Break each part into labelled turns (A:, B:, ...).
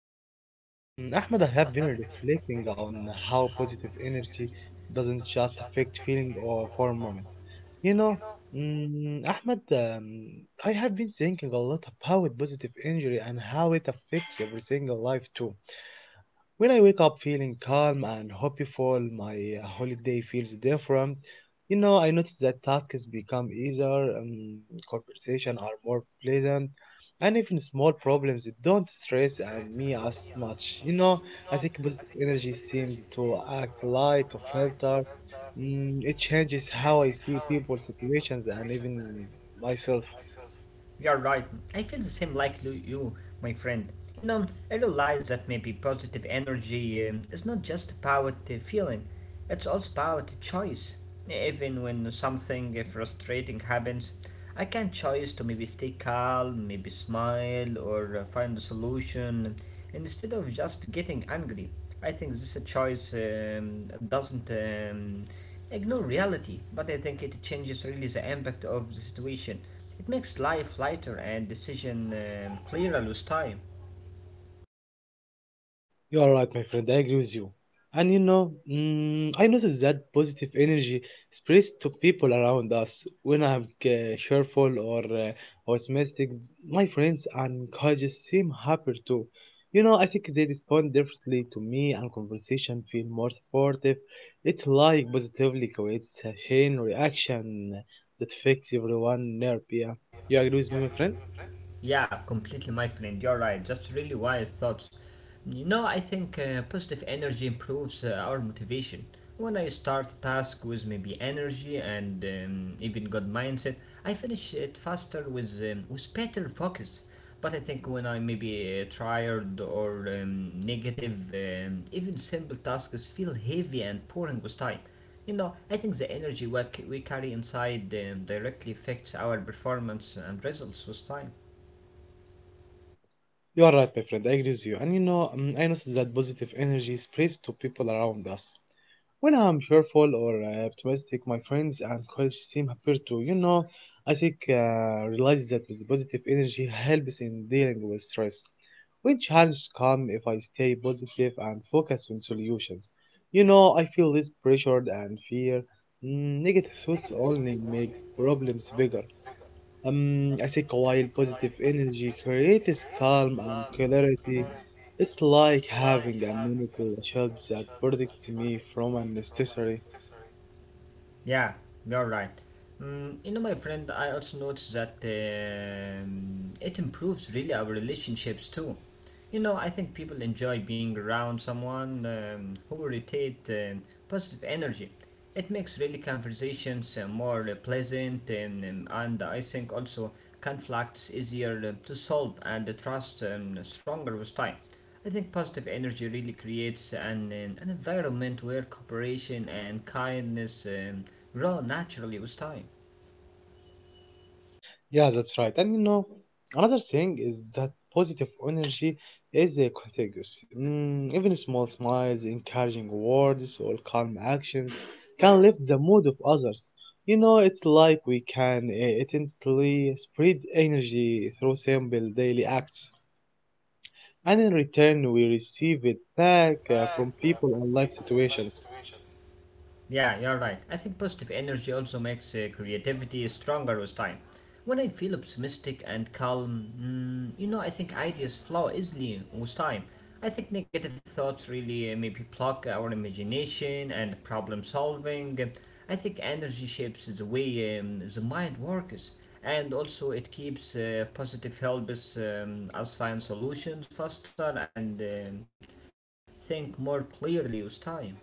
A: you.
B: Ahmed, I have been reflecting on how positive energy doesn't just affect feeling or for a moment. You know, mm, Ahmed, um, I have been thinking a lot about positive energy and how it affects every single life too. When I wake up feeling calm and hopeful, my holiday feels different. You know, I notice that tasks become easier, conversation are more pleasant, and even small problems don't stress and me as much. You know, I think positive energy seems to act like a filter. It changes how I see people, situations, and even myself.
A: You're right. I feel the same like you, my friend. You know, I realize that maybe positive energy is not just about feeling, it's also about choice. Even when something frustrating happens, I can choose to maybe stay calm, maybe smile, or find a solution instead of just getting angry. I think this choice doesn't ignore reality, but I think it changes really the impact of the situation. It makes life lighter and decision clearer with time.
B: You are right, my friend. I agree with you. And you know, I noticed that positive energy spreads to people around us. When I'm cheerful or optimistic, my friends and colleagues seem happier too. You know, I think they respond differently to me, and conversation feel more supportive. It's like positively creates a chain reaction that affects everyone nerve. Yeah, you agree with me, my friend?
A: Yeah, completely, my friend. You're right. Just really wise thoughts. You know, I think positive energy improves our motivation. When I start a task with maybe energy and even good mindset, I finish it faster with better focus. But I think when I maybe tired or negative, even simple tasks feel heavy and boring with time. You know, I think the energy we carry inside directly affects our performance and results with time.
B: You are right, my friend. I agree with you. And you know, I noticed that positive energy spreads to people around us. When I'm cheerful or optimistic, my friends and colleagues seem happier too. You know, I think realize that with positive energy helps in dealing with stress. When challenges come, if I stay positive and focus on solutions, you know, I feel less pressured and fear. Negative thoughts only make problems bigger. I think while positive energy creates calm and clarity, it's like having a mental shield that protects me from unnecessary.
A: Yeah, you're right. Mm, you know, my friend, I also noticed that it improves really our relationships too. You know, I think people enjoy being around someone who rotate positive energy. It makes really conversations more pleasant, and I think also conflicts easier to solve and the trust stronger with time. I think positive energy really creates an environment where cooperation and kindness grow naturally with time.
B: Yeah, that's right. And you know, another thing is that positive energy is contagious. Even small smiles, encouraging words, or calm actions can lift the mood of others. You know, it's like we can instantly spread energy through simple daily acts, and in return we receive it back from people and life situations.
A: Yeah, you're right. I think positive energy also makes creativity stronger with time. When I feel optimistic and calm, mm, you know, I think ideas flow easily with time. I think negative thoughts really maybe block our imagination and problem solving. I think energy shapes the way the mind works, and also it keeps positive helps us find solutions faster and think more clearly with time.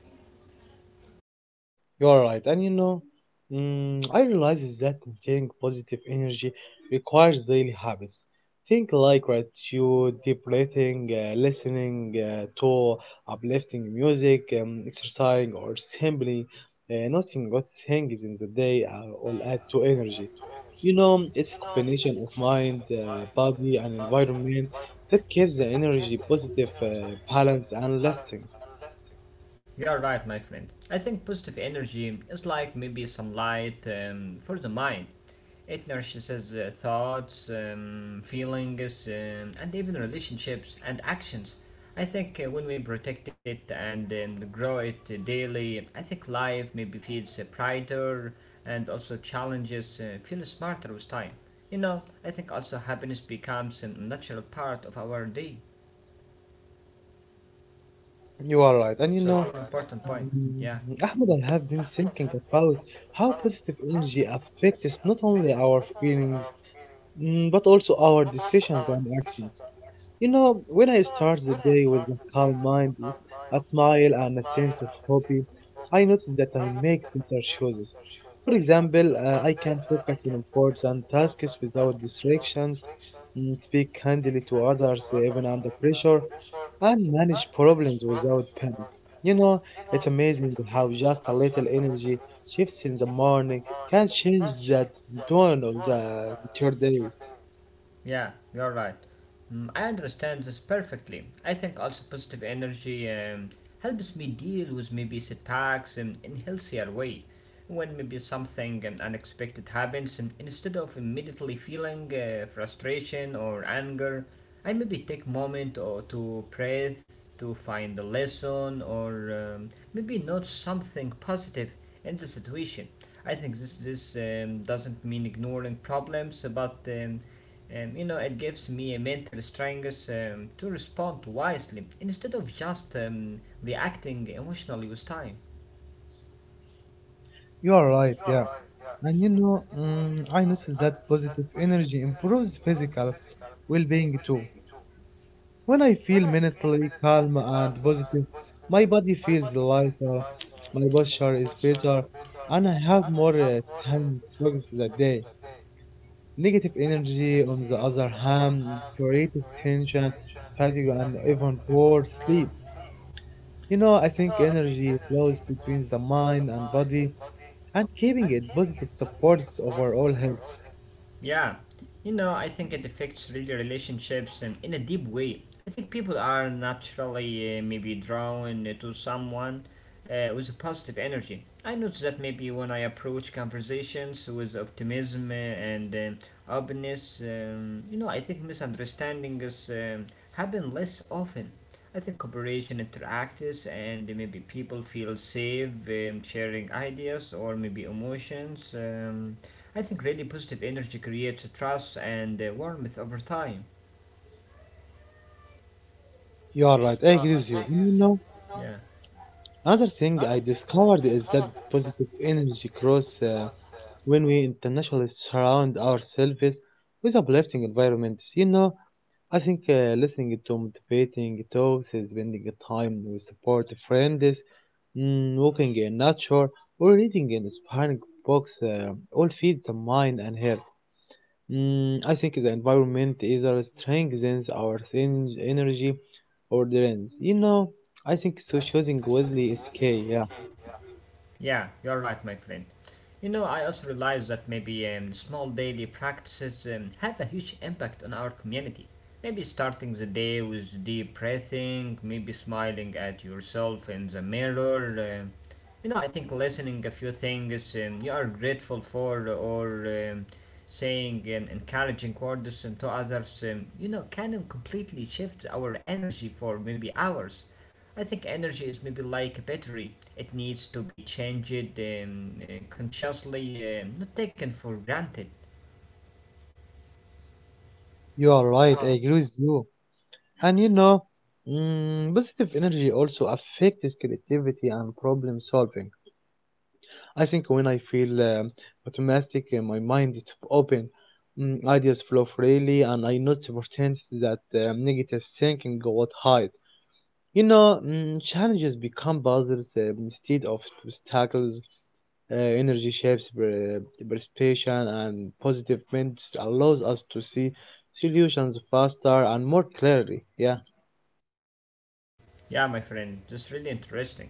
B: You are right, and you know, I realize is that maintaining positive energy requires daily habits. Think like gratitude, deep breathing, listening to uplifting music, exercising, or simply noticing good things in the day all add to energy. You know, it's a combination of mind, body, and environment that keeps the energy positive, balanced, and lasting.
A: You're right, my friend. I think positive energy is like maybe some light for the mind. It nourishes thoughts, feelings, and even relationships and actions. I think when we protect it and grow it daily, I think life maybe feels brighter and also challenges feel smarter with time. You know, I think also happiness becomes a natural part of our day.
B: You are right, and you
A: So it's
B: know.
A: an important point.
B: Mm,
A: Yeah.
B: Ahmed, I have been thinking about how positive energy affects not only our feelings, but also our decisions and actions. You know, when I start the day with a calm mind, a smile, and a sense of hobby, I notice that I make better choices. For example, I can focus on important tasks without distractions, speak kindly to others even under pressure, and manage problems without panic. You know, it's amazing how just a little energy shifts in the morning can change the tone of the entire day.
A: Yeah, you're right. Mm, I understand this perfectly. I think also positive energy helps me deal with maybe setbacks in healthier way. When maybe something unexpected happens, and instead of immediately feeling frustration or anger, I maybe take moment or to breathe to find a lesson or maybe note something positive in the situation. I think this doesn't mean ignoring problems, but you know, it gives me a mental strength to respond wisely instead of just reacting emotionally with time.
B: You are right, yeah. And you know, I notice that positive energy improves physical well being too. When I feel mentally calm and positive, my body feels lighter, my posture is better, and I have more stamina throughout the day. Negative energy, on the other hand, creates tension, fatigue, and even poor sleep. You know, I think energy flows between the mind and body, and keeping it positive supports overall health.
A: Yeah, you know, I think it affects really relationships in a deep way. I think people are naturally maybe drawn to someone with a positive energy. I notice that maybe when I approach conversations with optimism and openness, you know, I think misunderstandings happen less often. I think cooperation interacts and maybe people feel safe sharing ideas or maybe emotions. I think really positive energy creates trust and warmth over time.
B: You are right, I agree with you. And you know, another thing I discovered is that positive energy grows when we internationally surround ourselves with uplifting environments. You know, I think listening to motivating talks, spending time with supportive friends, walking in nature, or reading inspiring books all feed the mind and heart. I think the environment either strengthens our energy or drains. You know, I think so choosing wisely is key. Yeah,
A: Yeah, you're right, my friend. You know, I also realize that maybe small daily practices have a huge impact on our community. Maybe starting the day with deep breathing, maybe smiling at yourself in the mirror. You know, I think listening a few things you are grateful for or saying encouraging words to others, you know, can completely shift our energy for maybe hours. I think energy is maybe like a battery. It needs to be changed consciously, not taken for granted.
B: you are right. I agree with you. And you know, positive energy also affects creativity and problem solving. I think when I feel optimistic, my mind is open. Ideas flow freely, and I notice opportunities that negative thinking got hide. You know, challenges become puzzles instead of obstacles. Energy shapes perception, and positive minds allows us to see solutions faster and more clearly. Yeah,
A: Yeah, my friend, that's really interesting.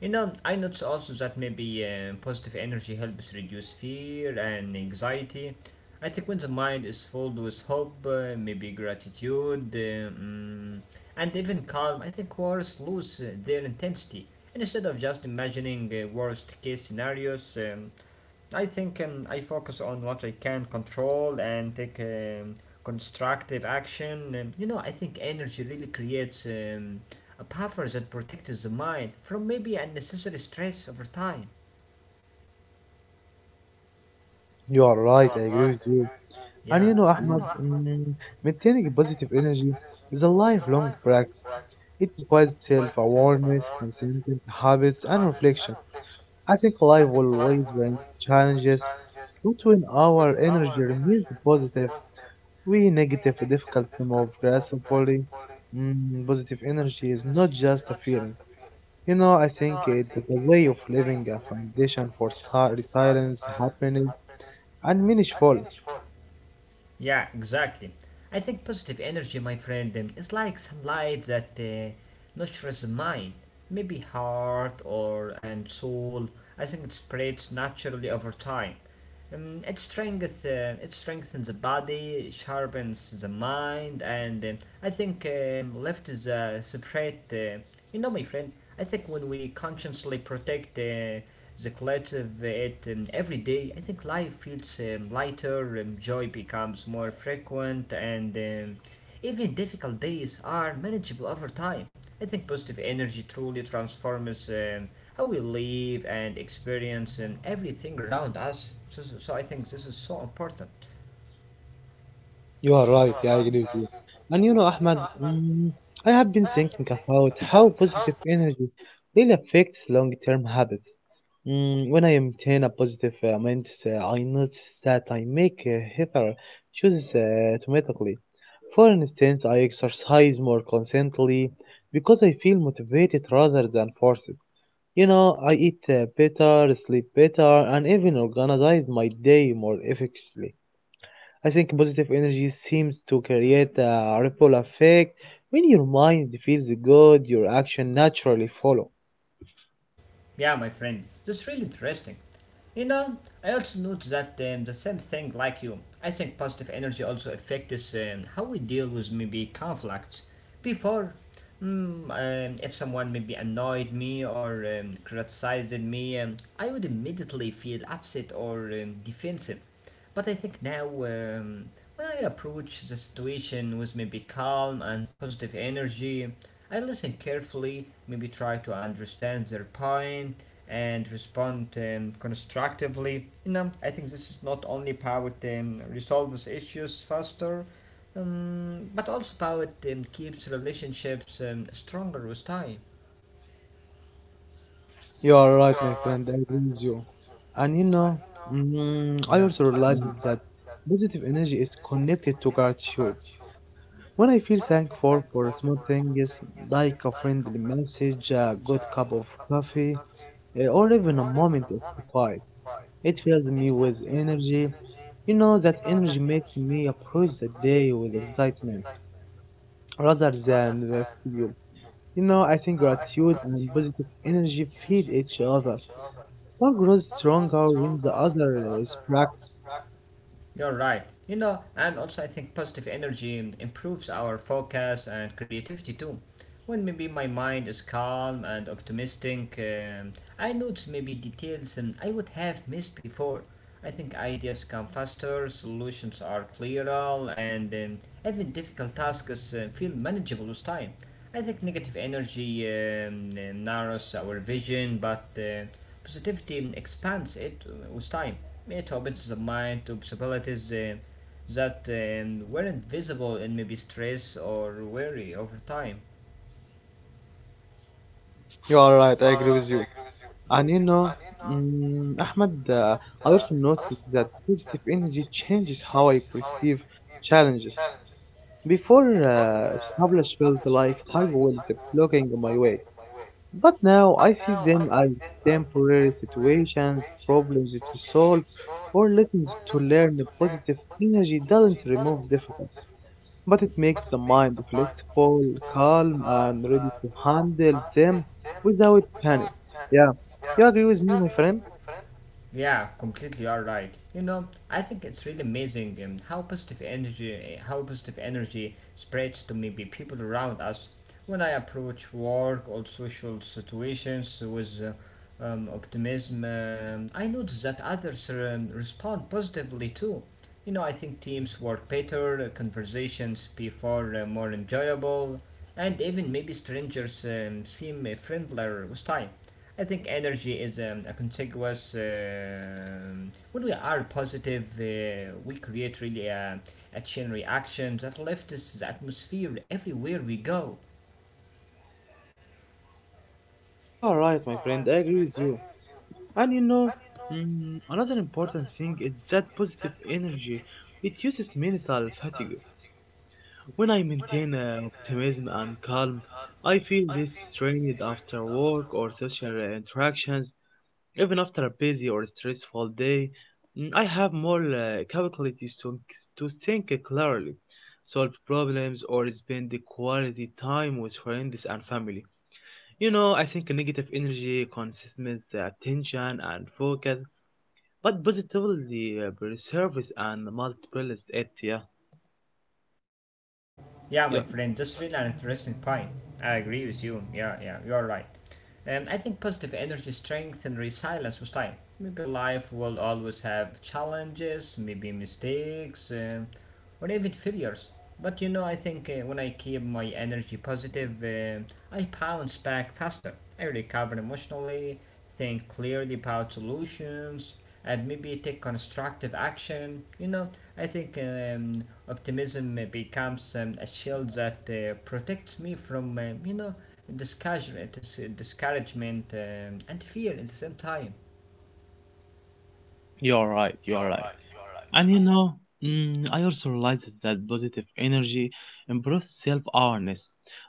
A: You know, I notice also that maybe positive energy helps reduce fear and anxiety. I think when the mind is filled with hope, maybe gratitude, and even calm, I think wars lose their intensity. And instead of just imagining worst case scenarios, I think I focus on what I can control and take constructive action. You know, I think energy really creates a buffer that protects the mind from maybe unnecessary stress over time.
B: you are right. I agree with you. And you
A: Yeah,
B: know, Ahmad, maintaining positive energy is a lifelong practice. It requires self-awareness, consistent habits, and reflection. I think life will always bring challenges, but when our energy remains positive, we negative, difficult to move gracefully. Positive energy is not just a feeling. You know, I think it is a way of living, a foundation for resilience, happiness, and meaningful.
A: yeah, exactly. I think positive energy, my friend, is like sunlight that nurtures the mind, maybe heart or and soul. I think it spreads naturally over time. It strengthens the body, sharpens the mind, and I think left is a separate. You know, my friend, I think when we consciously protect the collective it every day, I think life feels lighter, joy becomes more frequent, and even difficult days are manageable over time. I think positive energy truly transforms how we live and experience and everything around us. So I think this is so important.
B: You are right, yeah, I agree with you. And you know, Ahmad, I have been thinking about how positive energy really affects long term habits. When I maintain a positive mindset, I notice that I make healthier choices automatically. For instance, I exercise more consistently because I feel motivated rather than forced. You know, I eat better, sleep better, and even organize my day more effectively. I think positive energy seems to create a ripple effect. When your mind feels good, your action naturally follow.
A: Yeah, my friend, that's really interesting. You know, I also noticed that the same thing like you. I think positive energy also affects us, how we deal with maybe conflicts. Before, if someone maybe annoyed me or criticized me, I would immediately feel upset or defensive. But I think now, when I approach the situation with maybe calm and positive energy, I listen carefully, maybe try to understand their point, and respond constructively. You know, I think this is not only powered resolves issues faster, but also powered keeps relationships stronger with time.
B: You are right, my friend. I agree with you. And you know, I also realized Mhm. that positive energy is connected to gratitude. When I feel thankful for small things like a friendly message, a good cup of coffee, or even a moment of quiet. It filled me with energy. You know, that energy makes me approach the day with excitement rather than the fear. You know, I think gratitude and positive energy feed each other. One grows stronger when the other is practiced.
A: You're right. You know, and also I think positive energy improves our focus and creativity too. When maybe my mind is calm and optimistic, I notice maybe details and I would have missed before. I think ideas come faster, solutions are clearer, and even difficult tasks feel manageable with time. I think negative energy narrows our vision, but positivity expands it with time. It opens the mind to possibilities that weren't visible in maybe stress or worry over time.
B: You are right, I agree with you. And you know, mm, Ahmed, uh, I also noticed that positive energy changes how I perceive challenges. Before, established felt life hard was blocking my way. But now I see them as temporary situations, problems to solve, or lessons to learn. Positive energy doesn't remove difficulties, but it makes the mind flexible, calm, and ready to handle them without panic. Yeah, you agree with me, my friend?
A: Yeah, completely you are right. You know, I think it's really amazing how positive energy spreads to maybe people around us. When I approach work or social situations with optimism, I notice that others respond positively too. You know, I think teams work better, conversations before more enjoyable, and even maybe strangers seem friendlier with time. I think energy is a contiguous. When we are positive, we create really a chain reaction that lifts the atmosphere everywhere we go.
B: You are right, my friend. I agree with you. And you know, another important thing is that positive energy reduces mental fatigue. When I maintain optimism and calm, I feel less strained after work or social interactions. Even after a busy or stressful day, I have more capabilities to think clearly, solve problems, or spend the quality time with friends and family. You know, I think negative energy consumes the attention and focus, but positively preserves and multiplies it. Yeah,
A: Yeah, my
B: yeah,
A: friend, that's really an interesting point. I agree with you. Yeah, you're right. I think positive energy strength and resilience with time. Maybe life will always have challenges, maybe mistakes, or even failures. But you know, I think when I keep my energy positive, I bounce back faster. I recover emotionally, think clearly about solutions, and maybe take constructive action. You know, I think optimism becomes a shield that protects me from, discouragement, discouragement and fear at the same time.
B: you're right. And you know, I also realized that positive energy improves self awareness.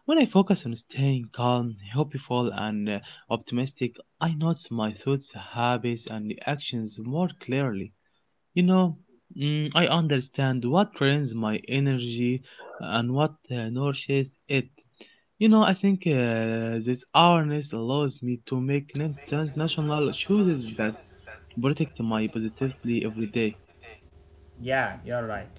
B: When I focus on staying calm, hopeful, and optimistic, I notice my thoughts, habits, and actions more clearly. You know, I understand what drains my energy and what nourishes it. You know, I think this awareness allows me to make national choices that protect my positivity every day.
A: Yeah, you're right.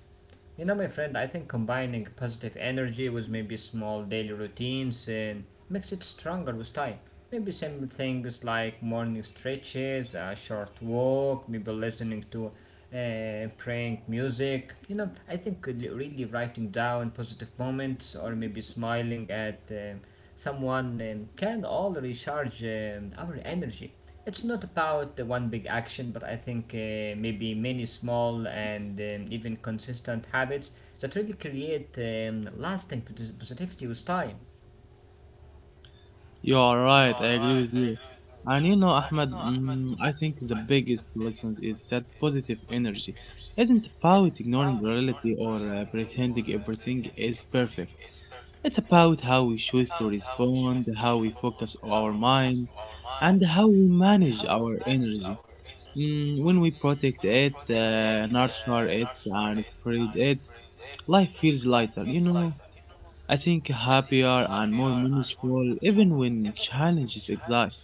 A: You know, my friend, I think combining positive energy with maybe small daily routines and makes it stronger with time. Maybe simple things like morning stretches, a short walk, maybe listening to praying music. You know, I think really writing down positive moments or maybe smiling at someone can all recharge our energy. It's not about the one big action, but I think maybe many small and even consistent habits that really create lasting positivity with time.
B: You are right. I agree with you. And you know, Ahmed, I think the biggest lesson is that positive energy isn't about ignoring reality or pretending everything is perfect. It's about how we choose to respond, how we focus our mind, and how we manage our energy. When we protect it, nurture it, and spread it, life feels lighter, you know. I think happier and more meaningful even when challenges exist.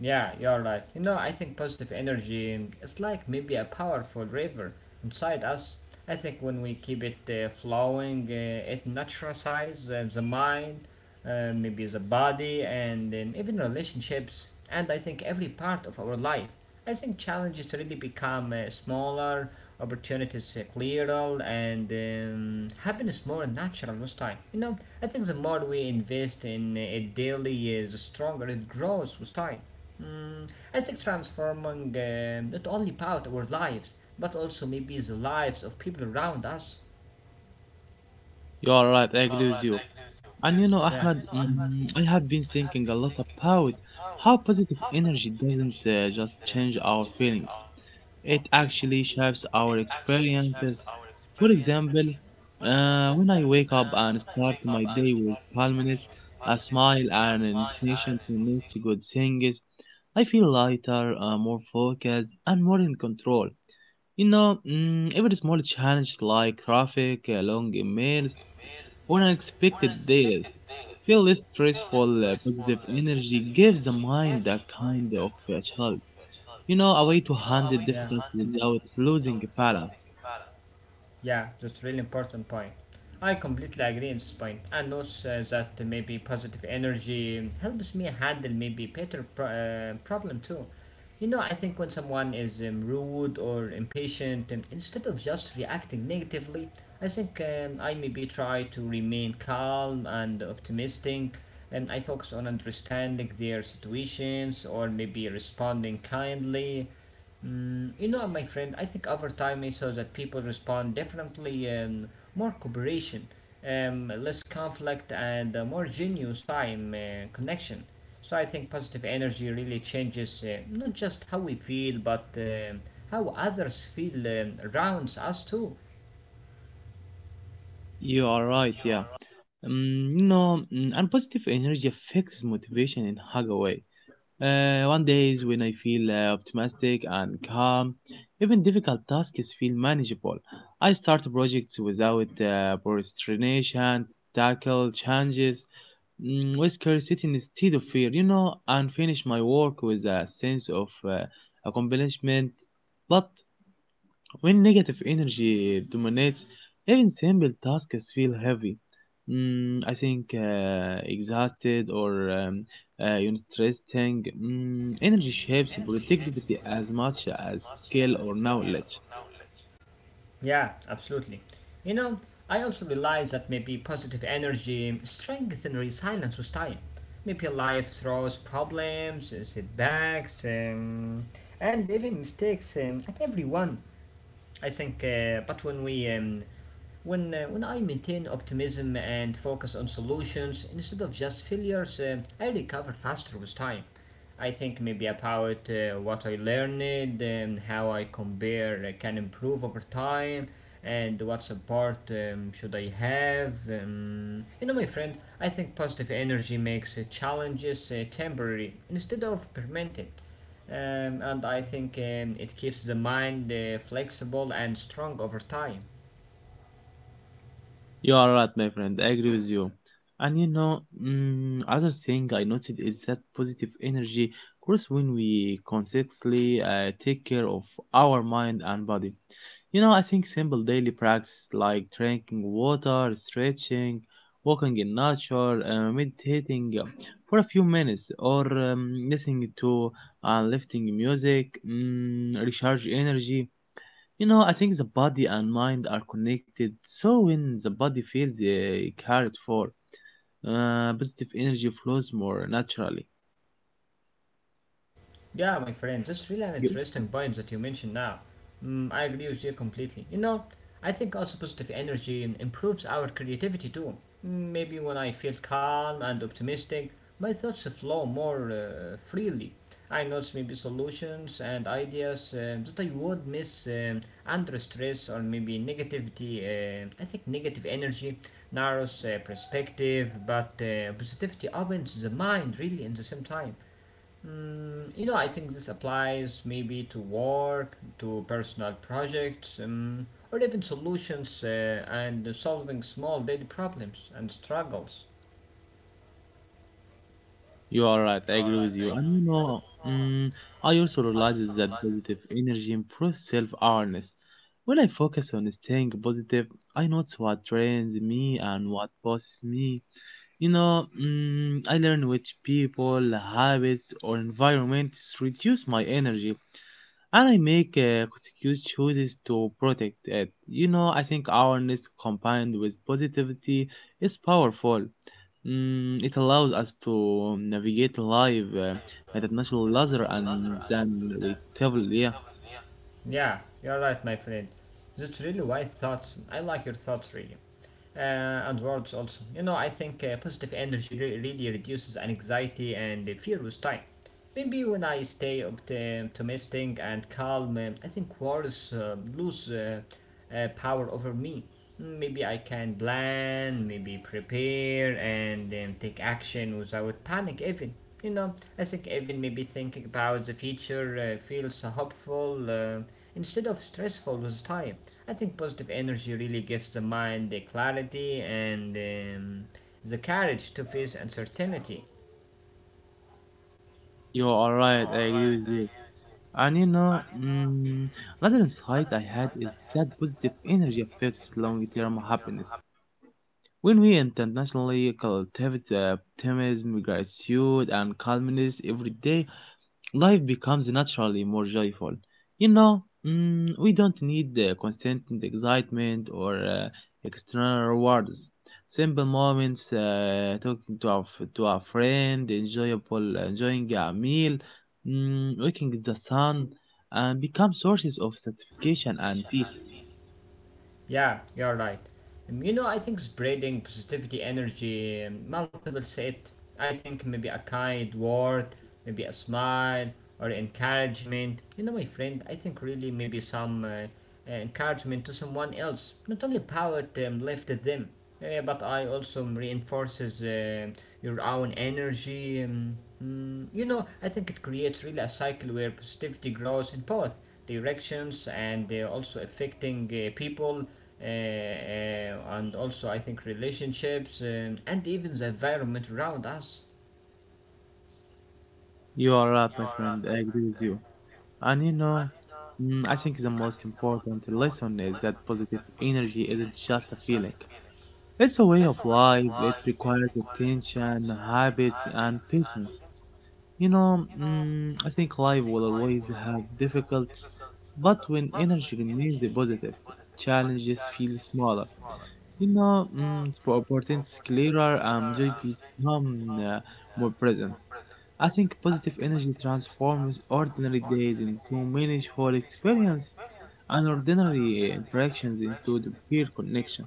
A: Yeah, you're right. You know, I think positive energy is like maybe a powerful river inside us. I think when we keep it flowing, it naturalizes the mind, maybe the body, and even relationships, and I think every part of our life. I think challenges really become smaller, opportunities clearer, and happiness more natural with time. You know, I think the more we invest in it daily, the stronger it grows with time. Mm, I think transforming not only about our lives, but also maybe the lives of people around us.
B: You are right, I agree with you. And you know,
A: Yeah,
B: Ahmed, I have been thinking a lot about how positive energy doesn't just change our feelings, it actually shapes our experiences. For example, when I wake up and start my day with calmness, a smile, and an intention to notice good things, I feel lighter, more focused, and more in control. You know, every small challenge like traffic, long emails, or unexpected days. Feel less stressful, positive energy gives the mind a kind of child. You know, a way to handle
A: yeah.
B: difficulty without losing balance.
A: Yeah, that's really important point. I completely agree in this point. I notice that maybe positive energy helps me handle maybe better problem too. You know, I think when someone is rude or impatient, instead of just reacting negatively, I maybe try to remain calm and optimistic. And I focus on understanding their situations or maybe responding kindly. Mm, you know, my friend, I think over time I saw that people respond differently and more cooperation, less conflict, and a more genuine time connection. So I think positive energy really changes not just how we feel, but how others feel around us too.
B: You are right, yeah. You know, and positive energy affects motivation in hug away. One days when I feel optimistic and calm, even difficult tasks feel manageable. I start projects without procrastination, tackle challenges with curiosity instead of fear, you know, and finish my work with a sense of accomplishment. But when negative energy dominates, even simple tasks feel heavy. I think exhausted or you know, stressing. Energy shapes productivity as much as skill or knowledge.
A: Yeah, absolutely. You know, I also realize that maybe positive energy strengthens resilience with time. Maybe life throws problems, setbacks, and even mistakes at everyone. I think, but when we when I maintain optimism and focus on solutions instead of just failures, I recover faster with time. I think maybe about what I learned, how I compare, can improve over time, and what support should I have. You know, my friend, I think positive energy makes challenges temporary instead of permanent. And I think it keeps the mind flexible and strong over time.
B: You are right, my friend. I agree with you. And you know, other thing I noticed is that positive energy grows when we consciously take care of our mind and body. You know, I think simple daily practice like drinking water, stretching, walking in nature, meditating for a few minutes, or listening to lifting music, mm, recharge energy. You know, I think the body and mind are connected, so when the body feels cared for, positive energy flows more naturally.
A: Yeah, my friend, that's really an
B: You,
A: interesting point that you mentioned now. Mm, I agree with you completely. You know, I think also positive energy improves our creativity too. Mm, maybe when I feel calm and optimistic, my thoughts flow more freely. I notice maybe solutions and ideas that I would miss under stress or maybe negativity. I think negative energy narrows perspective, but positivity opens the mind really in the same time. Mm, you know, I think this applies maybe to work, to personal projects, or even solutions and solving small daily problems and struggles.
B: you are right, I agree with you. And you know, mm, I also realize that positive energy improves self awareness. When I focus on staying positive, I notice what trains me and what boosts me. You know, mm, I learn which people, habits, or environments reduce my energy. And I make conscious choices to protect it. You know, I think awareness combined with positivity is powerful. Mm, it allows us to navigate life at a natural level and then relatively. Yeah,
A: Yeah, you're right, my friend. That's really why thoughts, I like your thoughts really. Uh, and words also. You know, I think positive energy really reduces anxiety and fear with time. Maybe when I stay optimistic and calm, I think words lose power over me. Maybe I can plan, maybe prepare, and then take action without panic, even. You know, I think even maybe thinking about the future feels hopeful instead of stressful with time. I think positive energy really gives the mind the clarity and the courage to face uncertainty.
B: you are right. I agree with you. And you know, mm, another insight I had is that positive energy affects long-term happiness. When we intentionally cultivate optimism, gratitude, and calmness every day, life becomes naturally more joyful. You know, mm, we don't need constant excitement or external rewards. Simple moments, talking to our friend, enjoyable enjoying a meal, mm, looking at the sun, and become sources of satisfaction and peace.
A: Yeah, you're right. You know, I think spreading positivity energy, multiple set. I think maybe a kind word, maybe a smile or encouragement. You know, my friend, I think really maybe some encouragement to someone else, not only power them, left them. Yeah, yeah, but I also reinforces your own energy. You know, I think it creates really a cycle where positivity grows in both directions and also affecting people and also I think relationships and even the environment around us.
B: You are right, my friend. I agree with you. And you know, mm, I think the most important lesson is that positive energy isn't just a feeling, it's a way of life. It requires attention, habits, and patience. You know, mm, I think life will always have difficulties, but when energy remains positive, challenges feel smaller. You know, mm, opportunities clearer and joy become more present. I think positive energy transforms ordinary days into meaningful experience and ordinary interactions into the peer connection.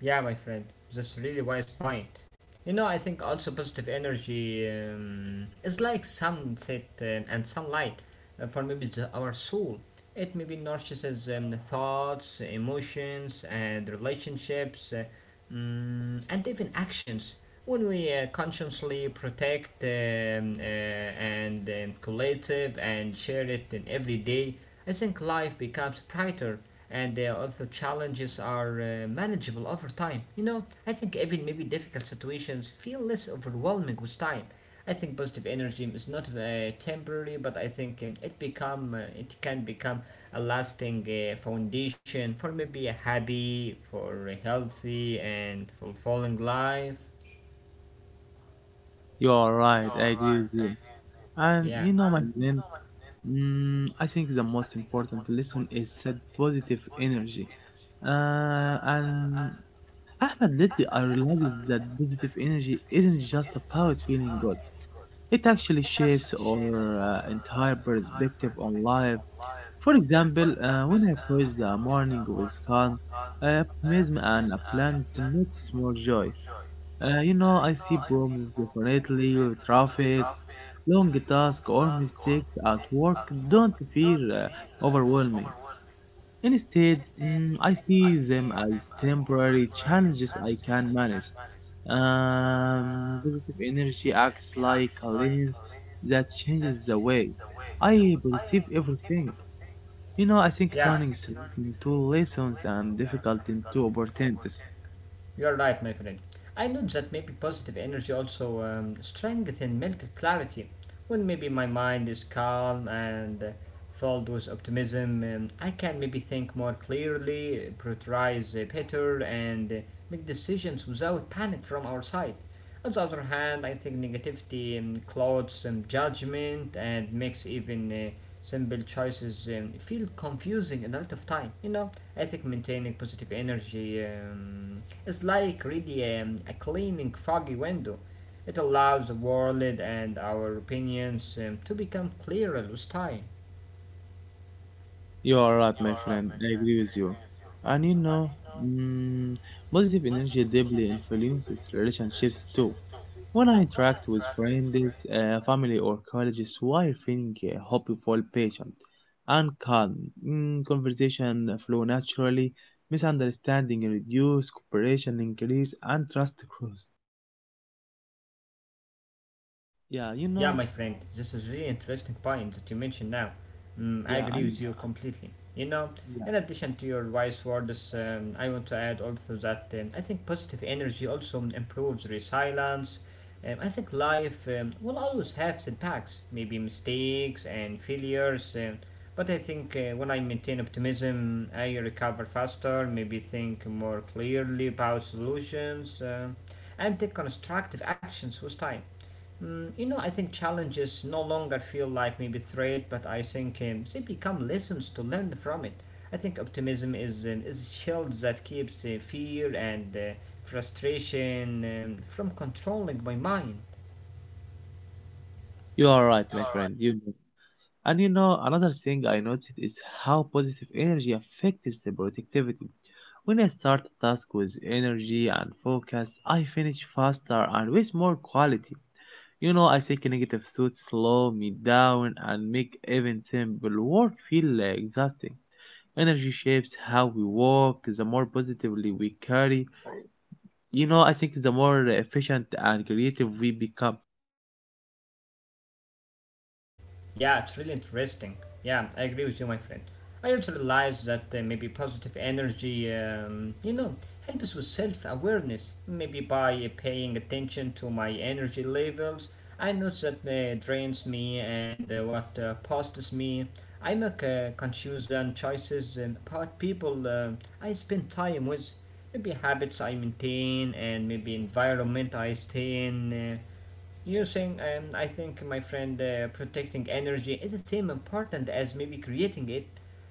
A: Yeah, my friend, that's a really wise point. You know, I think also positive energy is like sunset and sunlight for maybe the, our soul. It maybe nourishes thoughts, emotions, and relationships. And even actions. When we consciously protect and collective and share it in every day, I think life becomes brighter and also challenges are manageable over time. You know, I think even maybe difficult situations feel less overwhelming with time. I think positive energy is not temporary, but I think it can become a lasting foundation for maybe a happy, for a healthy and fulfilling life.
B: You are right, I agree with you. And
A: Yeah.
B: you know, my friend. Mm, I think the most important lesson is that positive energy. And Ahmed, lately I realized that positive energy isn't just about feeling good. It actually shapes our entire perspective on life. For example, when I praise the morning with calm, optimism, and a plan to note small joys. You know, I see problems differently, with traffic, long tasks, or mistakes at work don't feel overwhelming. Instead, mm, I see them as temporary challenges I can manage. Positive energy acts like a lens that changes the way I perceive everything. You know, I think
A: Yeah.
B: turning into lessons and difficulty into opportunities.
A: You're right, my friend. I know that maybe positive energy also strengthens mental clarity. When maybe my mind is calm and filled with optimism, I can maybe think more clearly, prioritize better, and make decisions without panic from our side. On the other hand, I think negativity clouds judgment and makes even simple choices feel confusing a lot of time. You know, I think maintaining positive energy is like really a cleaning foggy window. It allows the world and our opinions to become clearer with time.
B: You are right, my friend. I agree with you. And you know, mm, positive energy deeply influences relationships too. When I interact with friends, family, or colleagues while feeling hopeful, patient, and calm, mm, conversation flow naturally, misunderstanding reduce, cooperation increase, and trust grows. Yeah, you
A: Yeah,
B: know,
A: my friend, this is really interesting point that you mentioned now. Mm, I
B: yeah,
A: agree
B: and
A: with you completely. You know, in addition to your wise words, I want to add also that I think positive energy also improves resilience. I think life will always have setbacks, maybe mistakes and failures. But I think when I maintain optimism, I recover faster, maybe think more clearly about solutions, and take constructive actions with time. Mm, you know, I think challenges no longer feel like maybe threat, but I think they become lessons to learn from it. I think optimism is a shield that keeps fear and frustration from controlling my mind.
B: you are right, my friend. You and you know another thing I noticed is how positive energy affects the productivity. When I start a task with energy and focus, I finish faster and with more quality. You know, I think negative thoughts slow me down and make even simple work feel exhausting. Energy shapes how we work. The more positively we carry, you know, I think the more efficient and creative we become.
A: Yeah, it's really interesting. Yeah, I agree with you, my friend. I also realize that maybe positive energy, you know, helps with self awareness. Maybe by paying attention to my energy levels, I notice that drains me and what passes me. I make conscious choices about people I spend time with maybe habits I maintain and maybe environment I stay in. Using, I think, my friend, protecting energy is the same important as maybe creating it.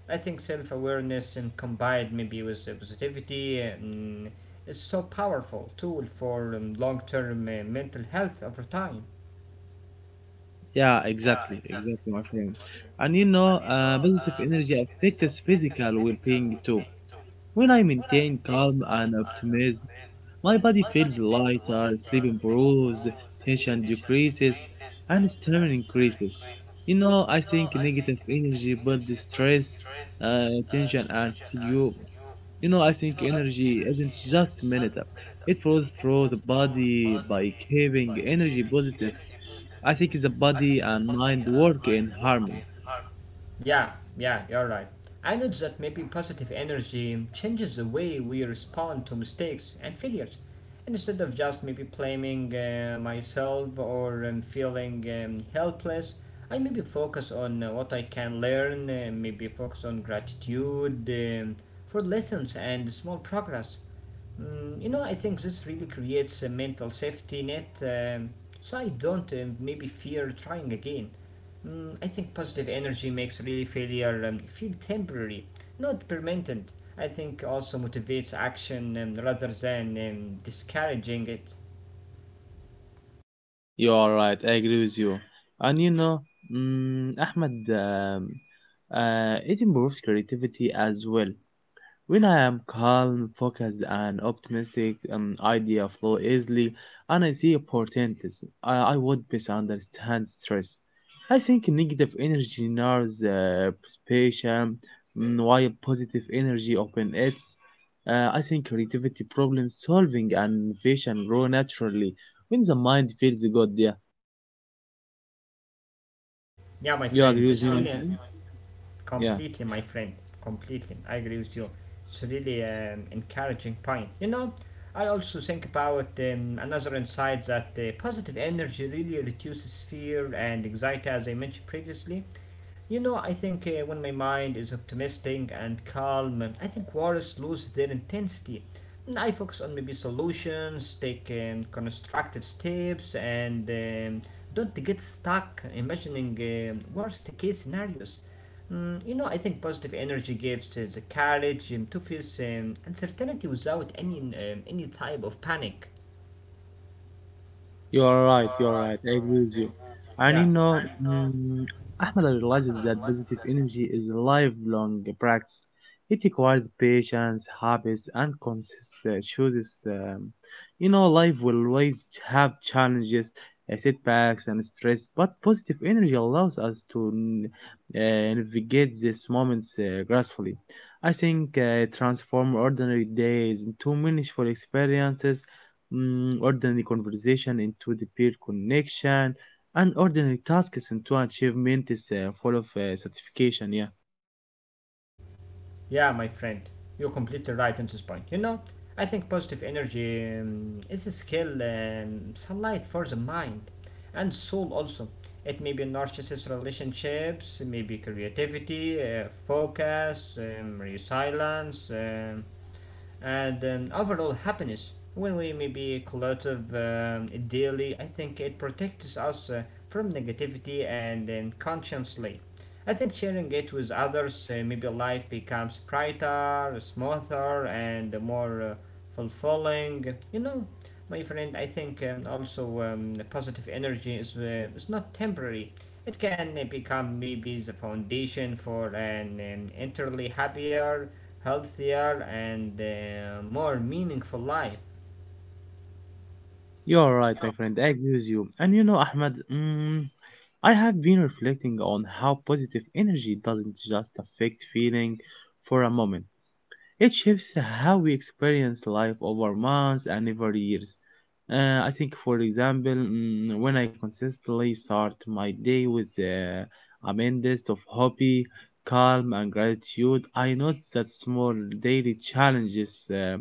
A: I think self awareness and combined maybe with positivity is so powerful tool for long term mental health over time.
B: Yeah, exactly, exactly, my friend. And you know, positive energy affects physical well-being too. When I maintain calm and optimism, my body feels lighter, sleep improves, tension decreases, and stamina increases. You know, I think negative energy builds stress, tension, and fatigue. You know, I think energy isn't just mental; it flows through the body by keeping energy positive. I think the body and mind work in harmony.
A: Yeah, yeah, you're right. I know that maybe positive energy changes the way we respond to mistakes and failures. Instead of just maybe blaming myself or feeling helpless, I maybe focus on what I can learn, maybe focus on gratitude for lessons and small progress. Mm, you know, I think this really creates a mental safety net, so I don't maybe fear trying again. Mm, I think positive energy makes really failure feel temporary, not permanent. I think also motivates action rather than discouraging it.
B: You are right. I agree with you. And you know, mm, Ahmed, it improves creativity as well. When I am calm, focused, and optimistic, idea flow easily, and I see opportunities. I would misunderstand stress. I think negative energy narrows perception, mm, while positive energy opens it. I think creativity, problem solving, and innovation grow naturally when the mind feels good. Yeah,
A: Yeah, my
B: you
A: friend,
B: agree with
A: just
B: me, my
A: really,
B: friend? Yeah.
A: completely, my friend. Completely. I agree with you. It's really an encouraging point. You know, I also think about another insight that positive energy really reduces fear and anxiety, as I mentioned previously. You know, I think when my mind is optimistic and calm, I think worries lose their intensity. And I focus on maybe solutions, take constructive steps, and don't get stuck imagining worst case scenarios. Mm, you know, I think positive energy gives the courage to face uncertainty without any any type of panic.
B: You are right. You are right. I agree with you. And you
A: Yeah,
B: know, mm, Ahmed realizes that positive energy is a lifelong practice. It requires patience, habits, and conscious choices. You know, life will always have challenges, setbacks, and stress. But positive energy allows us to navigate these moments gracefully. I think transform ordinary days into meaningful experiences, mm, ordinary conversation into the peer connection, and ordinary tasks into achievements full of satisfaction. Yeah,
A: yeah, my friend, you're completely right on this point. You know, I think positive energy is a skill, sunlight for the mind and soul also. It may be narcissist relationships, maybe creativity, focus, resilience. And overall happiness. When we maybe collective daily, I think it protects us from negativity and consciously. I think sharing it with others, maybe life becomes brighter, smoother, and more fulfilling. You know, my friend, I think also positive energy is not temporary. It can become maybe the foundation for an entirely happier, healthier, and more meaningful life.
B: you're right, my friend. I agree with you. And you know, Ahmed, mm, I have been reflecting on how positive energy doesn't just affect feeling for a moment. It shapes how we experience life over months and over years. I think, for example, mm, when I consistently start my day with a mindset of hobby, calm, and gratitude, I notice that small daily challenges,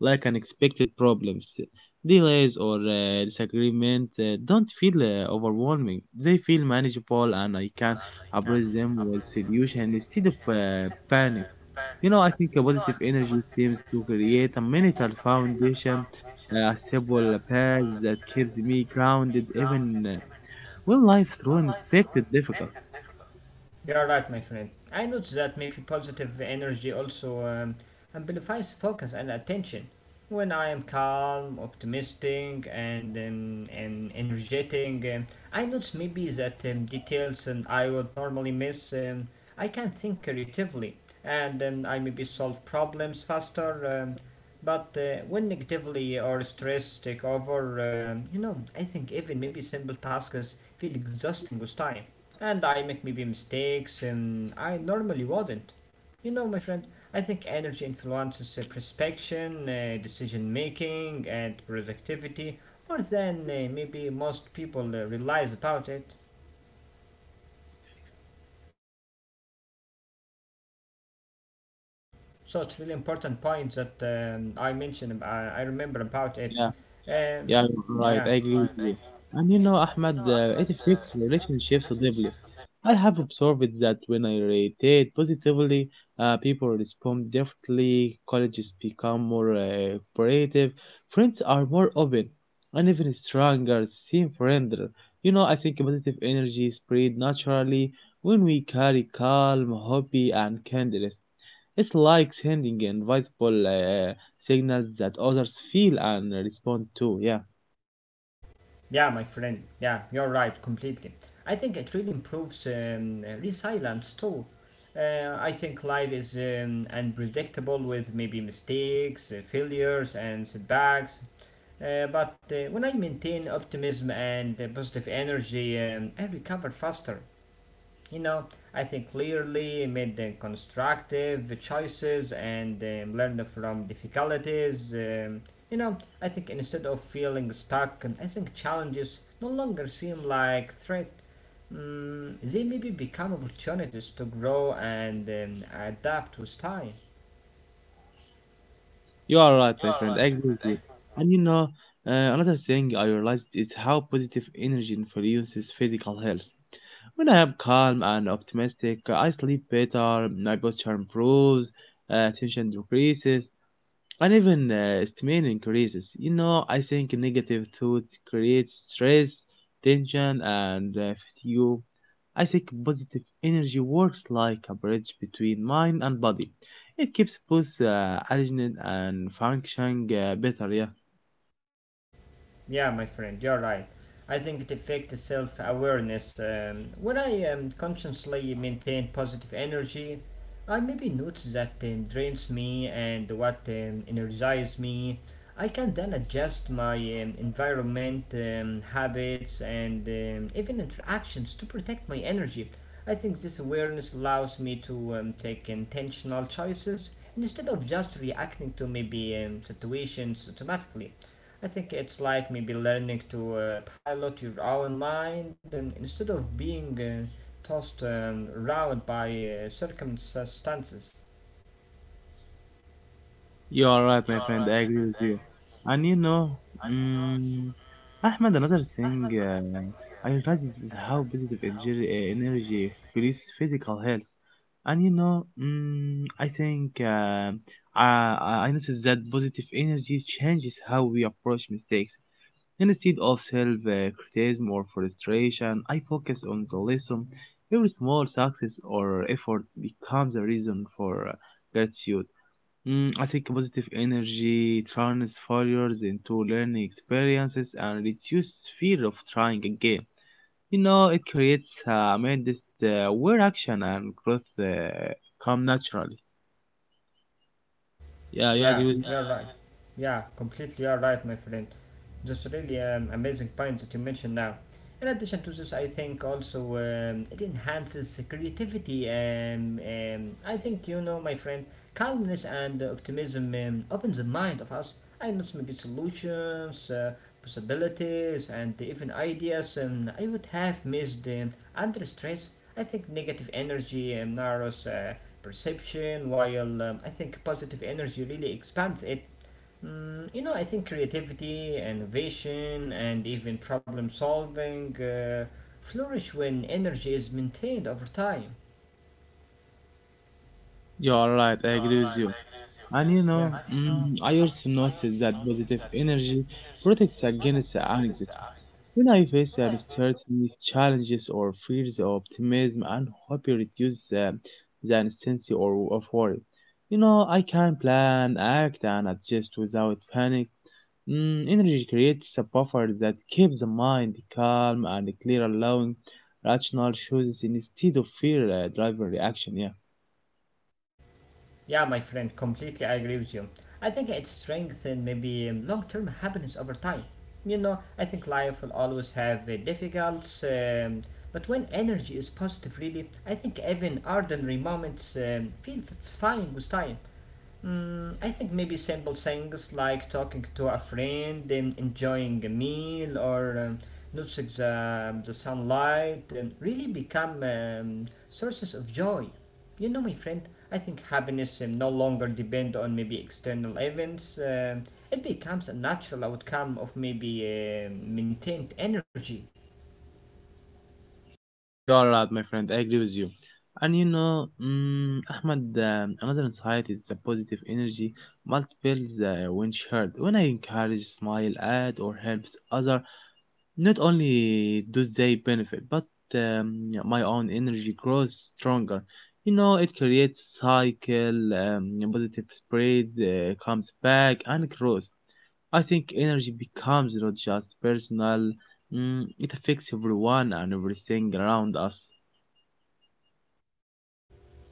B: like unexpected problems, delays, or disagreement, don't feel overwhelming. They feel manageable, and I can approach them with solution instead of panic. You know, I think a positive energy seems to create a mental foundation, a stable path that keeps me grounded even when life throws unexpected difficult.
A: You're right, my friend. I noticed that maybe positive energy also amplifies focus and attention. When I am calm, optimistic, and energetic, I notice maybe that details I would normally miss. I can think creatively, and I maybe solve problems faster. But when negativity or stress take over, you know, I think even maybe simple tasks feel exhausting with time. And I make maybe mistakes and I normally wouldn't. You know, my friend, I think energy influences prospection, decision making, and productivity more than maybe most people realize about it. So it's really important point that I mentioned. I remember about it. Um,
B: Yeah, you're right. I agree with you. And you know, Ahmed, it affects relationships deeply. I have observed that when I rated positively, people respond differently, colleges become more cooperative, friends are more open, and even strangers seem friendlier. You know, I think positive energy spread naturally when we carry calm, happy, and kindness. It's like sending invisible signals that others feel and respond to. Yeah,
A: Yeah, my friend. Yeah, you're right, completely. I think it really improves resilience too. I think life is unpredictable with maybe mistakes, failures, and setbacks. But when I maintain optimism and positive energy, I recover faster. You know, I think clearly made the constructive choices and learned from difficulties. You know, I think instead of feeling stuck, I think challenges no longer seem like threat. Mm, they maybe become opportunities to grow and adapt with time.
B: you are right, my friend. I agree with you. And you know, another thing I realized is how positive energy influences physical health. When I am calm and optimistic, I sleep better, my posture improves, tension decreases, and even strain increases. You know, I think negative thoughts create stress, tension, and fatigue. I think positive energy works like a bridge between mind and body. It keeps both aligned and functioning better. Yeah.
A: Yeah, my friend, you're right. I think it affects self awareness. When I consciously maintain positive energy, I maybe notice that drains me and what energizes me. I can then adjust my environment, habits, and even interactions to protect my energy. I think this awareness allows me to take intentional choices instead of just reacting to maybe situations automatically. I think it's like maybe learning to pilot your own mind instead of being tossed around by circumstances.
B: You are right, my friend. I agree with you. And you know, mm, Ahmed, another thing I realized is how positive energy fuels physical health. And you know, mm, I think I noticed that positive energy changes how we approach mistakes. Instead of self criticism or frustration, I focus on the lesson. Every small success or effort becomes a reason for gratitude. Mm, I think positive energy turns failures into learning experiences and reduces fear of trying again. You know, it creates a mindset where action and growth come naturally. Yeah, you agree
A: Yeah,
B: with
A: you're right. Yeah, completely you're right, my friend. That's really amazing point that you mentioned now. In addition to this, I think also it enhances the creativity. I think, you know, my friend, calmness and optimism opens the mind of us. I know maybe solutions, possibilities, and even ideas I would have missed under stress. I think negative energy narrows perception, while I think positive energy really expands it. Mm, you know, I think creativity, innovation, and even problem solving flourish when energy is maintained over time.
B: you are right. I agree with you. And you
A: Yeah,
B: know, mm, I also noticed that positive energy protects against anxiety. When I face uncertainty, challenges, or fears, optimism and hope reduces the intensity or of worry. You know, I can plan, act, and adjust without panic. Mm, energy creates a buffer that keeps the mind calm and clear, allowing rational choices instead of fear driving reaction. Yeah.
A: yeah, my friend, completely I agree with you. I think it strengthens maybe long term happiness over time. You know, I think life will always have difficulties, but when energy is positive, really, I think even ordinary moments feel satisfying with time. Mm, I think maybe simple things like talking to a friend, enjoying a meal, or noticing the sunlight really become sources of joy. You know, my friend, I think happiness no longer depends on maybe external events. It becomes a natural outcome of maybe maintained energy.
B: You are right, my friend. I agree with you. And you know, Ahmed, another insight is the positive energy multiples when shared. When I encourage, smile at, or helps other, not only do they benefit, but my own energy grows stronger. You know, it creates cycle, positive spread comes back and grows. I think energy becomes not just personal, mm, it affects everyone and everything around us.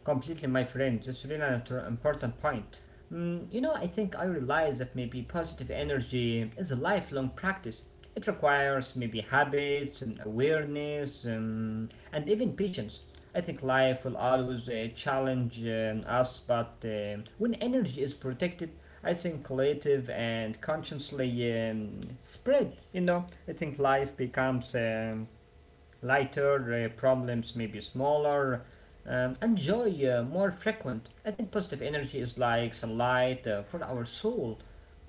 A: Completely, my friend. That's really an important point. Mm, you know, I think I realize that maybe positive energy is a lifelong practice. It requires maybe habits and awareness and even patience. I think life will always challenge us, but when energy is protected, I think creative and consciously spread. You know, I think life becomes lighter, problems may be smaller, and joy more frequent. I think positive energy is like sunlight for our soul.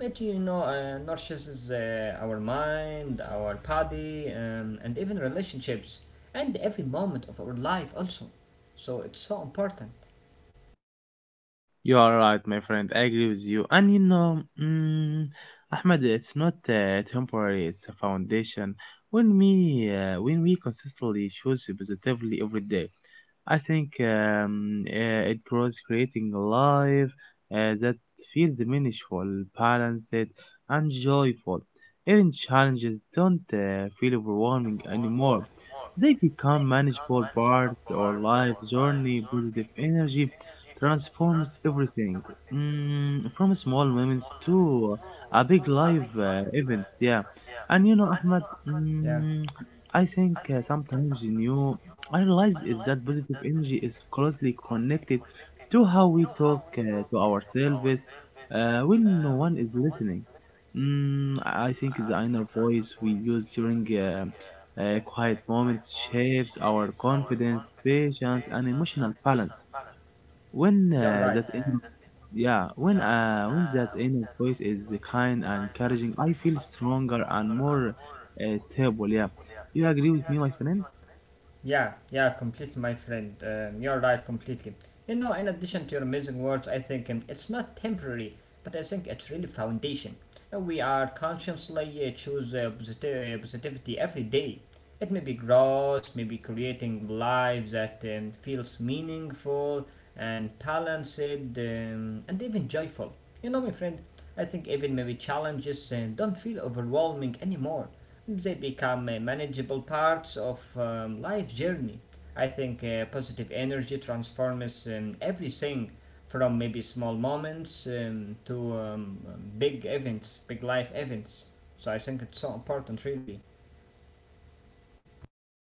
A: It you know nourishes our mind, our body, and even relationships, and every moment of our life also. So it's so important.
B: You are right, my friend. I agree with you. And you know, mm, Ahmed, it's not temporary, it's a foundation. When we consistently choose positively every day, I think it grows creating a life that feels meaningful, balanced, and joyful. Even challenges don't feel overwhelming anymore. They become manageable part or life journey. Positive energy transforms everything, mm, from small moments to a big live event. Yeah, and you know, Ahmed,
A: Yeah,
B: mm, I think sometimes in you I realize is that positive energy is closely connected to how we talk to ourselves when no one is listening. Mm, I think the inner voice we use during quiet moments shapes our confidence, patience, and emotional balance when
A: you're right.
B: that inner yeah when that inner voice is kind and encouraging. I feel stronger and more stable. Yeah, you agree with me, my friend?
A: Yeah, yeah, completely, my friend. You're right, completely. You know, in addition to your amazing words, I think it's not temporary, but I think it's really foundation. We are consciously choose positivity every day. It may be gross, maybe creating lives that feels meaningful and balanced and even joyful. You know, my friend, I think even maybe challenges don't feel overwhelming anymore. They become manageable parts of life journey. I think positive energy transforms everything from maybe small moments to big events, big life events. So I think it's so important, really.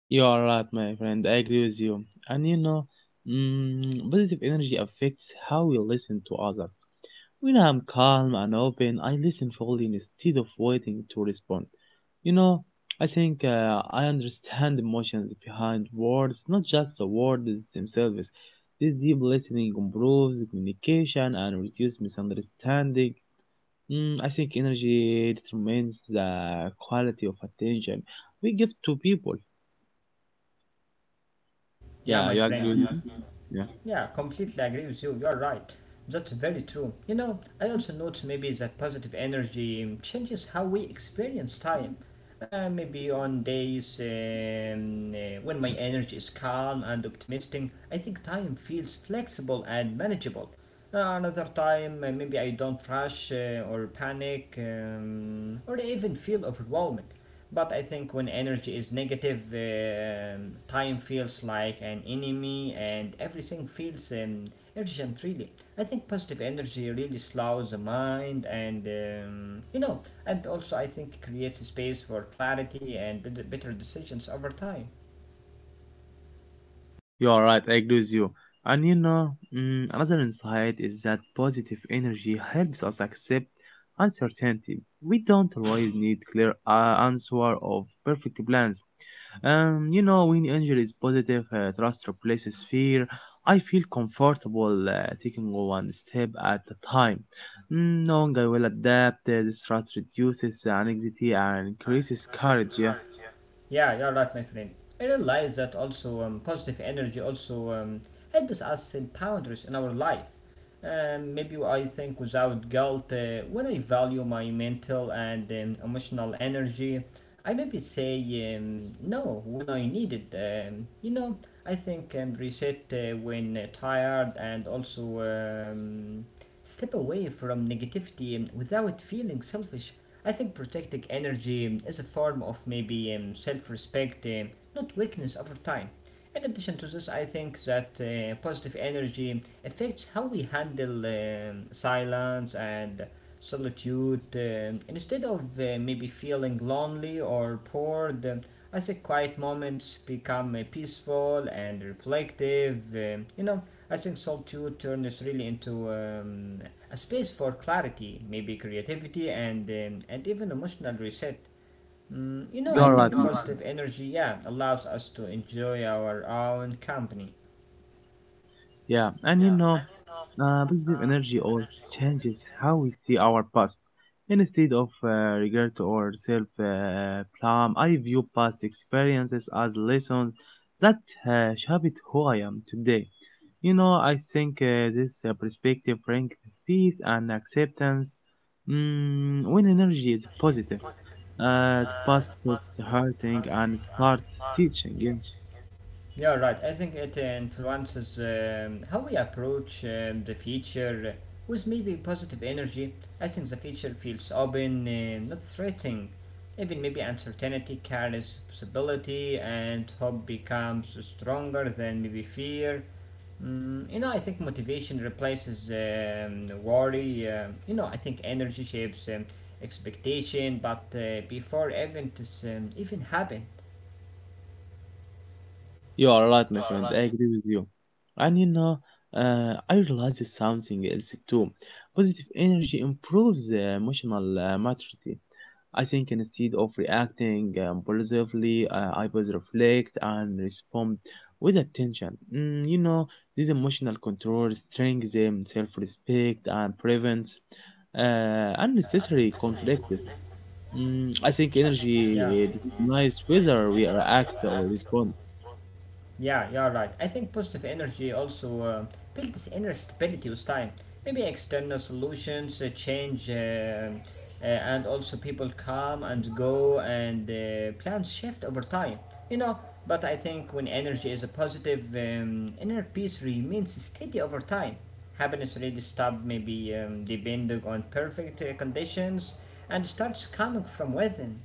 B: You are right, my friend. I agree with you. And you know, mm, positive energy affects how we listen to others. When I'm calm and open, I listen fully instead of waiting to respond. You know, I think I understand emotions behind words, not just the words themselves. This deep listening improves communication and reduces misunderstanding. Mm, I think energy determines the quality of attention we give to people.
A: Yeah,
B: Yeah,
A: my
B: you
A: friend.
B: agree with me? Yeah.
A: Yeah, completely agree with you. You're right. That's very true. You know, I also note maybe that positive energy changes how we experience time. Maybe on days when my energy is calm and optimistic, I think time feels flexible and manageable. Another time, maybe I don't rush or panic or even feel overwhelmed. But I think when energy is negative, time feels like an enemy and everything feels urgent, really. I think positive energy really slows the mind and, you know, and also I think creates a space for clarity and better decisions over time.
B: You are right, I agree with you. And you know, mm, another insight is that positive energy helps us accept uncertainty. We don't always need clear answer of perfect plans. When energy is positive, trust replaces fear. I feel comfortable taking one step at a time, mm, knowing I will adapt. This trust reduces anxiety and increases courage. Yeah,
A: Yeah, you're right, my friend. I realize that also positive energy also helps us set boundaries in our life. Maybe I think without guilt, when I value my mental and emotional energy, I maybe say no when I need it. You know, I think reset when tired and also step away from negativity without feeling selfish. I think protecting energy is a form of maybe self respect, not weakness over time. In addition to this, I think that positive energy affects how we handle silence and solitude. Instead of maybe feeling lonely or bored, I think quiet moments become peaceful and reflective. You know, I think Solve 2 turned really into a space for clarity, maybe creativity, and even emotional reset. Mm, you
B: you
A: know,
B: are
A: I
B: right.
A: think positive energy, yeah, allows us to enjoy our own company.
B: Yeah, and you know, positive energy also changes how we see our past. Instead of regret or self blame, I view past experiences as lessons that shaped who I am today. You know, I think this perspective brings peace and acceptance. Mm, when energy is positive, the past stops hurting and starts teaching. Yeah.
A: Yeah, right. I think it influences how we approach the future with maybe positive energy. I think the future feels open, not threatening. Even maybe uncertainty carries possibility, and hope becomes stronger than maybe fear. Mm, you know, I think motivation replaces worry. You know, I think energy shapes expectation, but before events even happen.
B: You are right, my friend. I agree with you. And you know, I realized something else too. Positive energy improves the emotional maturity. I think instead of reacting positively, I was reflect and respond with attention. Mm, you know, this emotional control strengthens self-respect and prevents unnecessary conflicts. Mm, I think energy determines whether we react or respond.
A: Yeah, you're right. I think positive energy also builds inner stability with time. Maybe external solutions change, and also people come and go, and plans shift over time. You know, but I think when energy is a positive, inner peace remains steady over time. Happiness really stops maybe depending on perfect conditions and starts coming from within.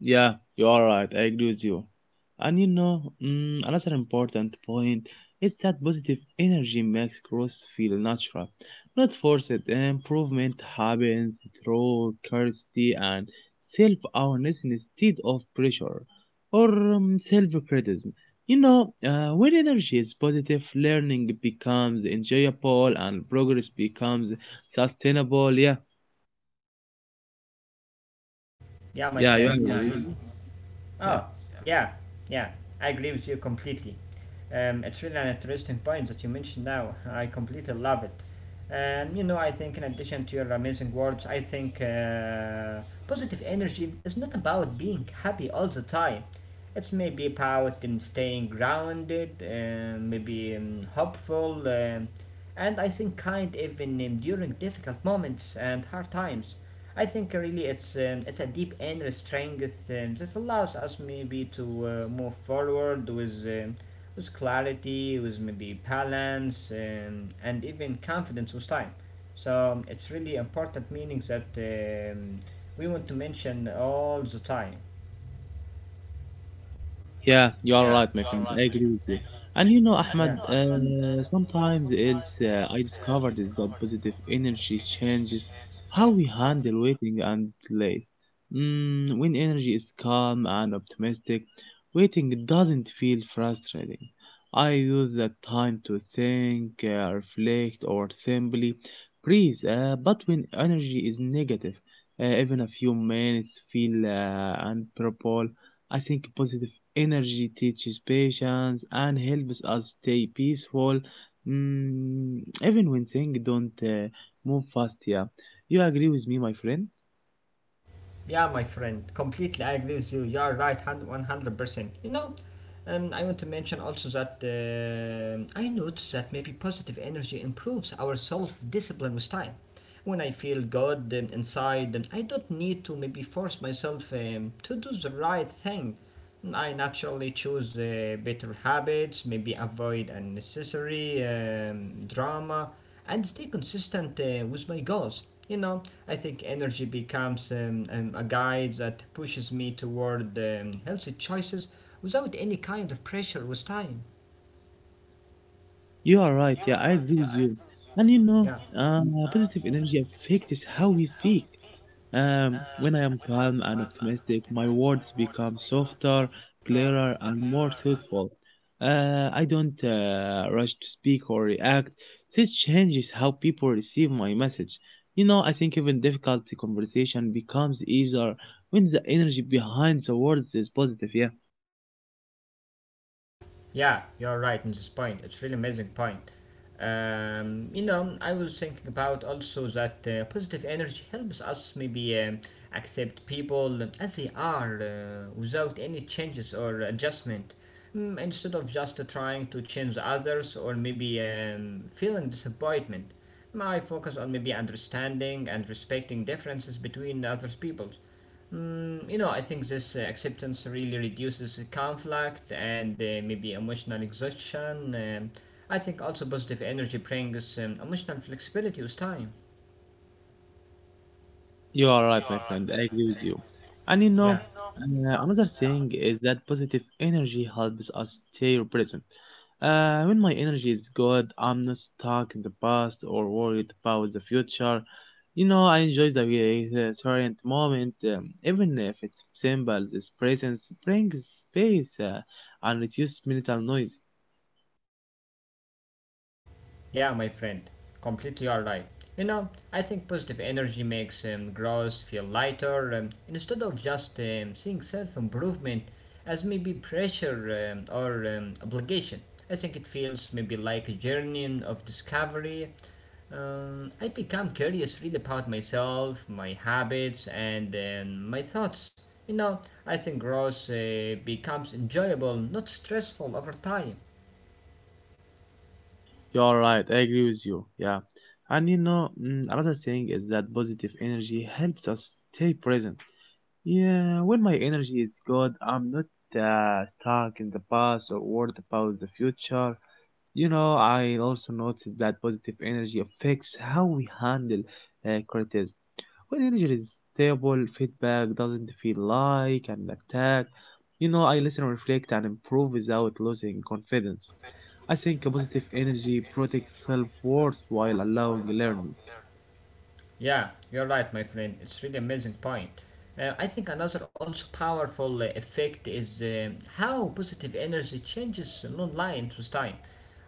B: Yeah, you're right. I agree with you. And you know, mm, another important point is that positive energy makes growth feel natural, not forced. Improvement happens through curiosity and self awareness instead of pressure or self criticism. You know, when energy is positive, learning becomes enjoyable and progress becomes sustainable. Yeah,
A: Yeah, my
B: yeah, you
A: friend,
B: agree.
A: Oh,
B: Yeah.
A: yeah, yeah, I agree with you completely. It's really an interesting point that you mentioned now. I completely love it. And you know, I think in addition to your amazing words, I think positive energy is not about being happy all the time. It's maybe about staying grounded, maybe hopeful, and I think kind even during difficult moments and hard times. I think really it's a deep inner strength that allows us maybe to move forward with clarity, with maybe balance, and even confidence with time. So it's really important meaning that we want to mention all the time.
B: Yeah, you are right, my friend. I agree with you. And you know, Ahmed, sometimes else I discovered is that positive energy changes how we handle waiting and delays. Mm, when energy is calm and optimistic, waiting doesn't feel frustrating. I use that time to think, reflect, or simply breathe. But when energy is negative, even a few minutes feel unbearable. I think positive energy teaches patience and helps us stay peaceful, mm, even when things don't move fast. Yeah, you agree with me, my friend?
A: Yeah, my friend, completely I agree with you. You are right, 100%. You know, I want to mention also that I noticed that maybe positive energy improves our self discipline with time. When I feel good inside, I don't need to maybe force myself to do the right thing. I naturally choose better habits, maybe avoid unnecessary drama, and stay consistent with my goals. You know, I think energy becomes a guide that pushes me toward healthy choices without any kind of pressure with time.
B: You are right. Yeah, I agree with you. And you
A: Yeah.
B: know, uh, positive energy affects how we speak. When I am calm and optimistic, my words become softer, clearer, and more thoughtful. I don't rush to speak or react. This changes how people receive my message. You know, I think even difficult conversation becomes easier when the energy behind the words is positive. Yeah.
A: Yeah, you're right in this point. It's really amazing point. You know, I was thinking about also that positive energy helps us maybe accept people as they are without any changes or adjustment. Mm, instead of just trying to change others or maybe feeling disappointment, I focus on maybe understanding and respecting differences between other people. Mm, you know, I think this acceptance really reduces the conflict and maybe emotional exhaustion. I think also positive energy brings emotional flexibility with time.
B: You are right, my friend. I agree with you. And you know,
A: Yeah,
B: another thing is that positive energy helps us stay present. When my energy is good, I'm not stuck in the past or worried about the future. You know, I enjoy the current moment, even if it's simple. This presence brings space and reduces mental noise.
A: yeah, my friend, completely all right. You know, I think positive energy makes growth feel lighter instead of just seeing self improvement as maybe pressure or obligation. I think it feels maybe like a journey of discovery I become curious really about myself, my habits, and my thoughts. You know, I think growth becomes enjoyable, not stressful over time.
B: You are right. I agree with you. Yeah. And you know, mm, another thing is that positive energy helps us stay present. Yeah, when my energy is good, I'm not stuck in the past or worried about the future. You know, I also noticed that positive energy affects how we handle criticism. When energy is stable, feedback doesn't feel like an attack. You know, I listen, reflect, and improve without losing confidence. I think a positive energy protects self worth while allowing learning.
A: Yeah, you're right, my friend. It's really amazing point. I think another also powerful effect is how positive energy changes non-light with time.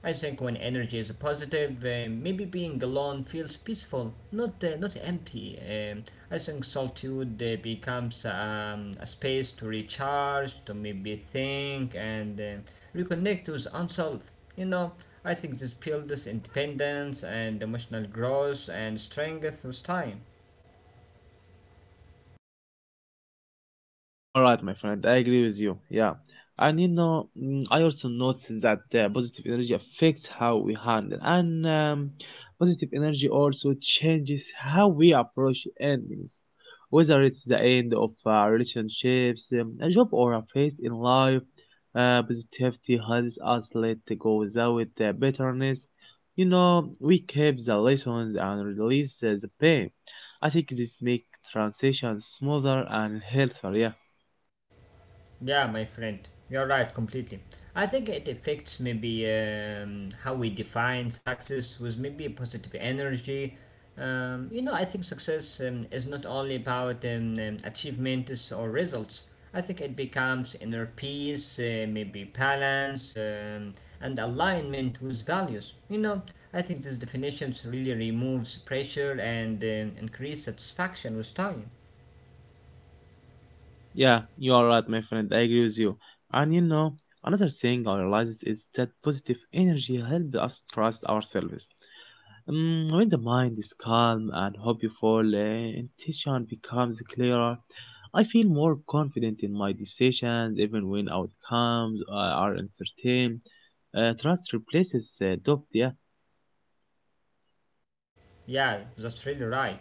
A: I think when energy is positive, maybe being alone feels peaceful, not empty. I think solitude becomes a space to recharge, to maybe think and reconnect with oneself. You know, I think this builds independence and emotional growth and strength with time.
B: You are right, my friend. I agree with you. Yeah. And you know, mm, I also noticed that positive energy affects how we handle, and positive energy also changes how we approach endings, whether it's the end of relationships, a job, or a phase in life. Positivity helps us let go without bitterness. You know, we keep the lessons and release the pain. I think this makes transition smoother and healthier. Yeah.
A: Yeah, my friend, you're right completely. I think it affects maybe how we define success with maybe positive energy. You know, I think success is not only about achievements or results. I think it becomes inner peace, maybe balance, and alignment with values. You know, I think these definitions really removes pressure and increase satisfaction with time.
B: Yeah, you are right, my friend. I agree with you. And you know, another thing I realized is that positive energy helps us trust ourselves. Mm, when the mind is calm and hopeful, intention becomes clearer. I feel more confident in my decisions, even when outcomes are uncertain. Trust replaces doubt. Yeah.
A: Yeah, that's really right.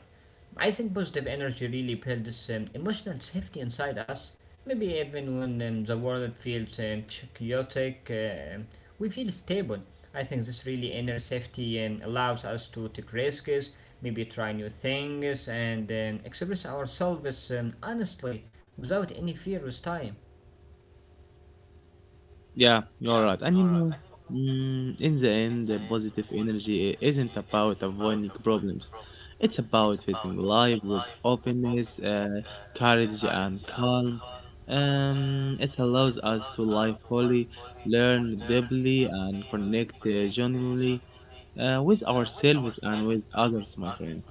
A: I think positive energy really builds emotional safety inside us. Maybe even when the world feels chaotic, we feel stable. I think this really inner safety allows us to take risks, maybe try new things, and express ourselves honestly without any fear with time.
B: Yeah, you're right. And you know, mm, in the end, the positive energy isn't about avoiding problems. It's about facing life with openness, courage, and calm. It allows us to live fully, learn deeply, and connect genuinely with ourselves and with others, my friend.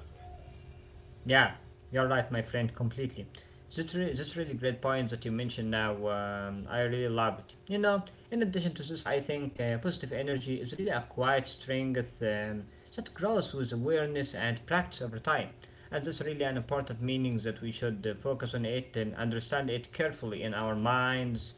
A: Yeah, you're right, my friend, completely. That's, that's really great point that you mentioned now. I really love it. You know, in addition to this, I think positive energy is really a quiet strength that grows with awareness and practice over time. And that's really an important meaning that we should focus on it and understand it carefully in our minds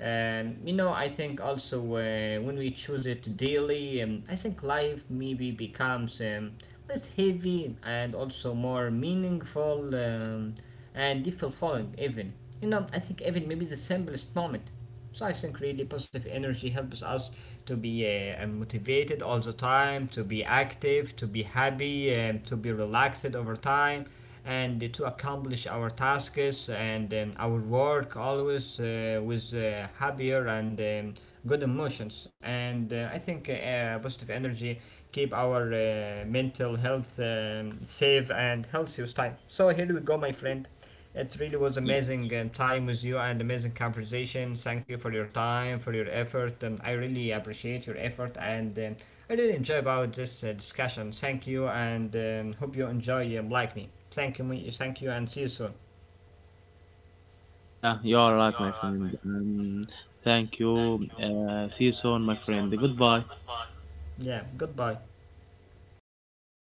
A: you know, I think also when we choose it daily, I think life maybe becomes less heavy and also more meaningful and fulfilling, even. You know, I think even maybe the simplest moment. So I think really positive energy helps us to be motivated all the time, to be active, to be happy, to be relaxed over time, and to accomplish our tasks and our work always with happier and good emotions. And I think positive energy keep our mental health safe and healthy with time. So here we go, my friend. It really was
B: Yeah,
A: amazing time with you and amazing conversation. Thank you for your time, for your effort. I really appreciate your effort and I really enjoy about this discussion. Thank you and hope you enjoy like me. Thank you, thank you, and see you soon.
B: yeah, you are right, my friend. Thank you. See you soon, my friend. Goodbye.
A: Yeah, goodbye.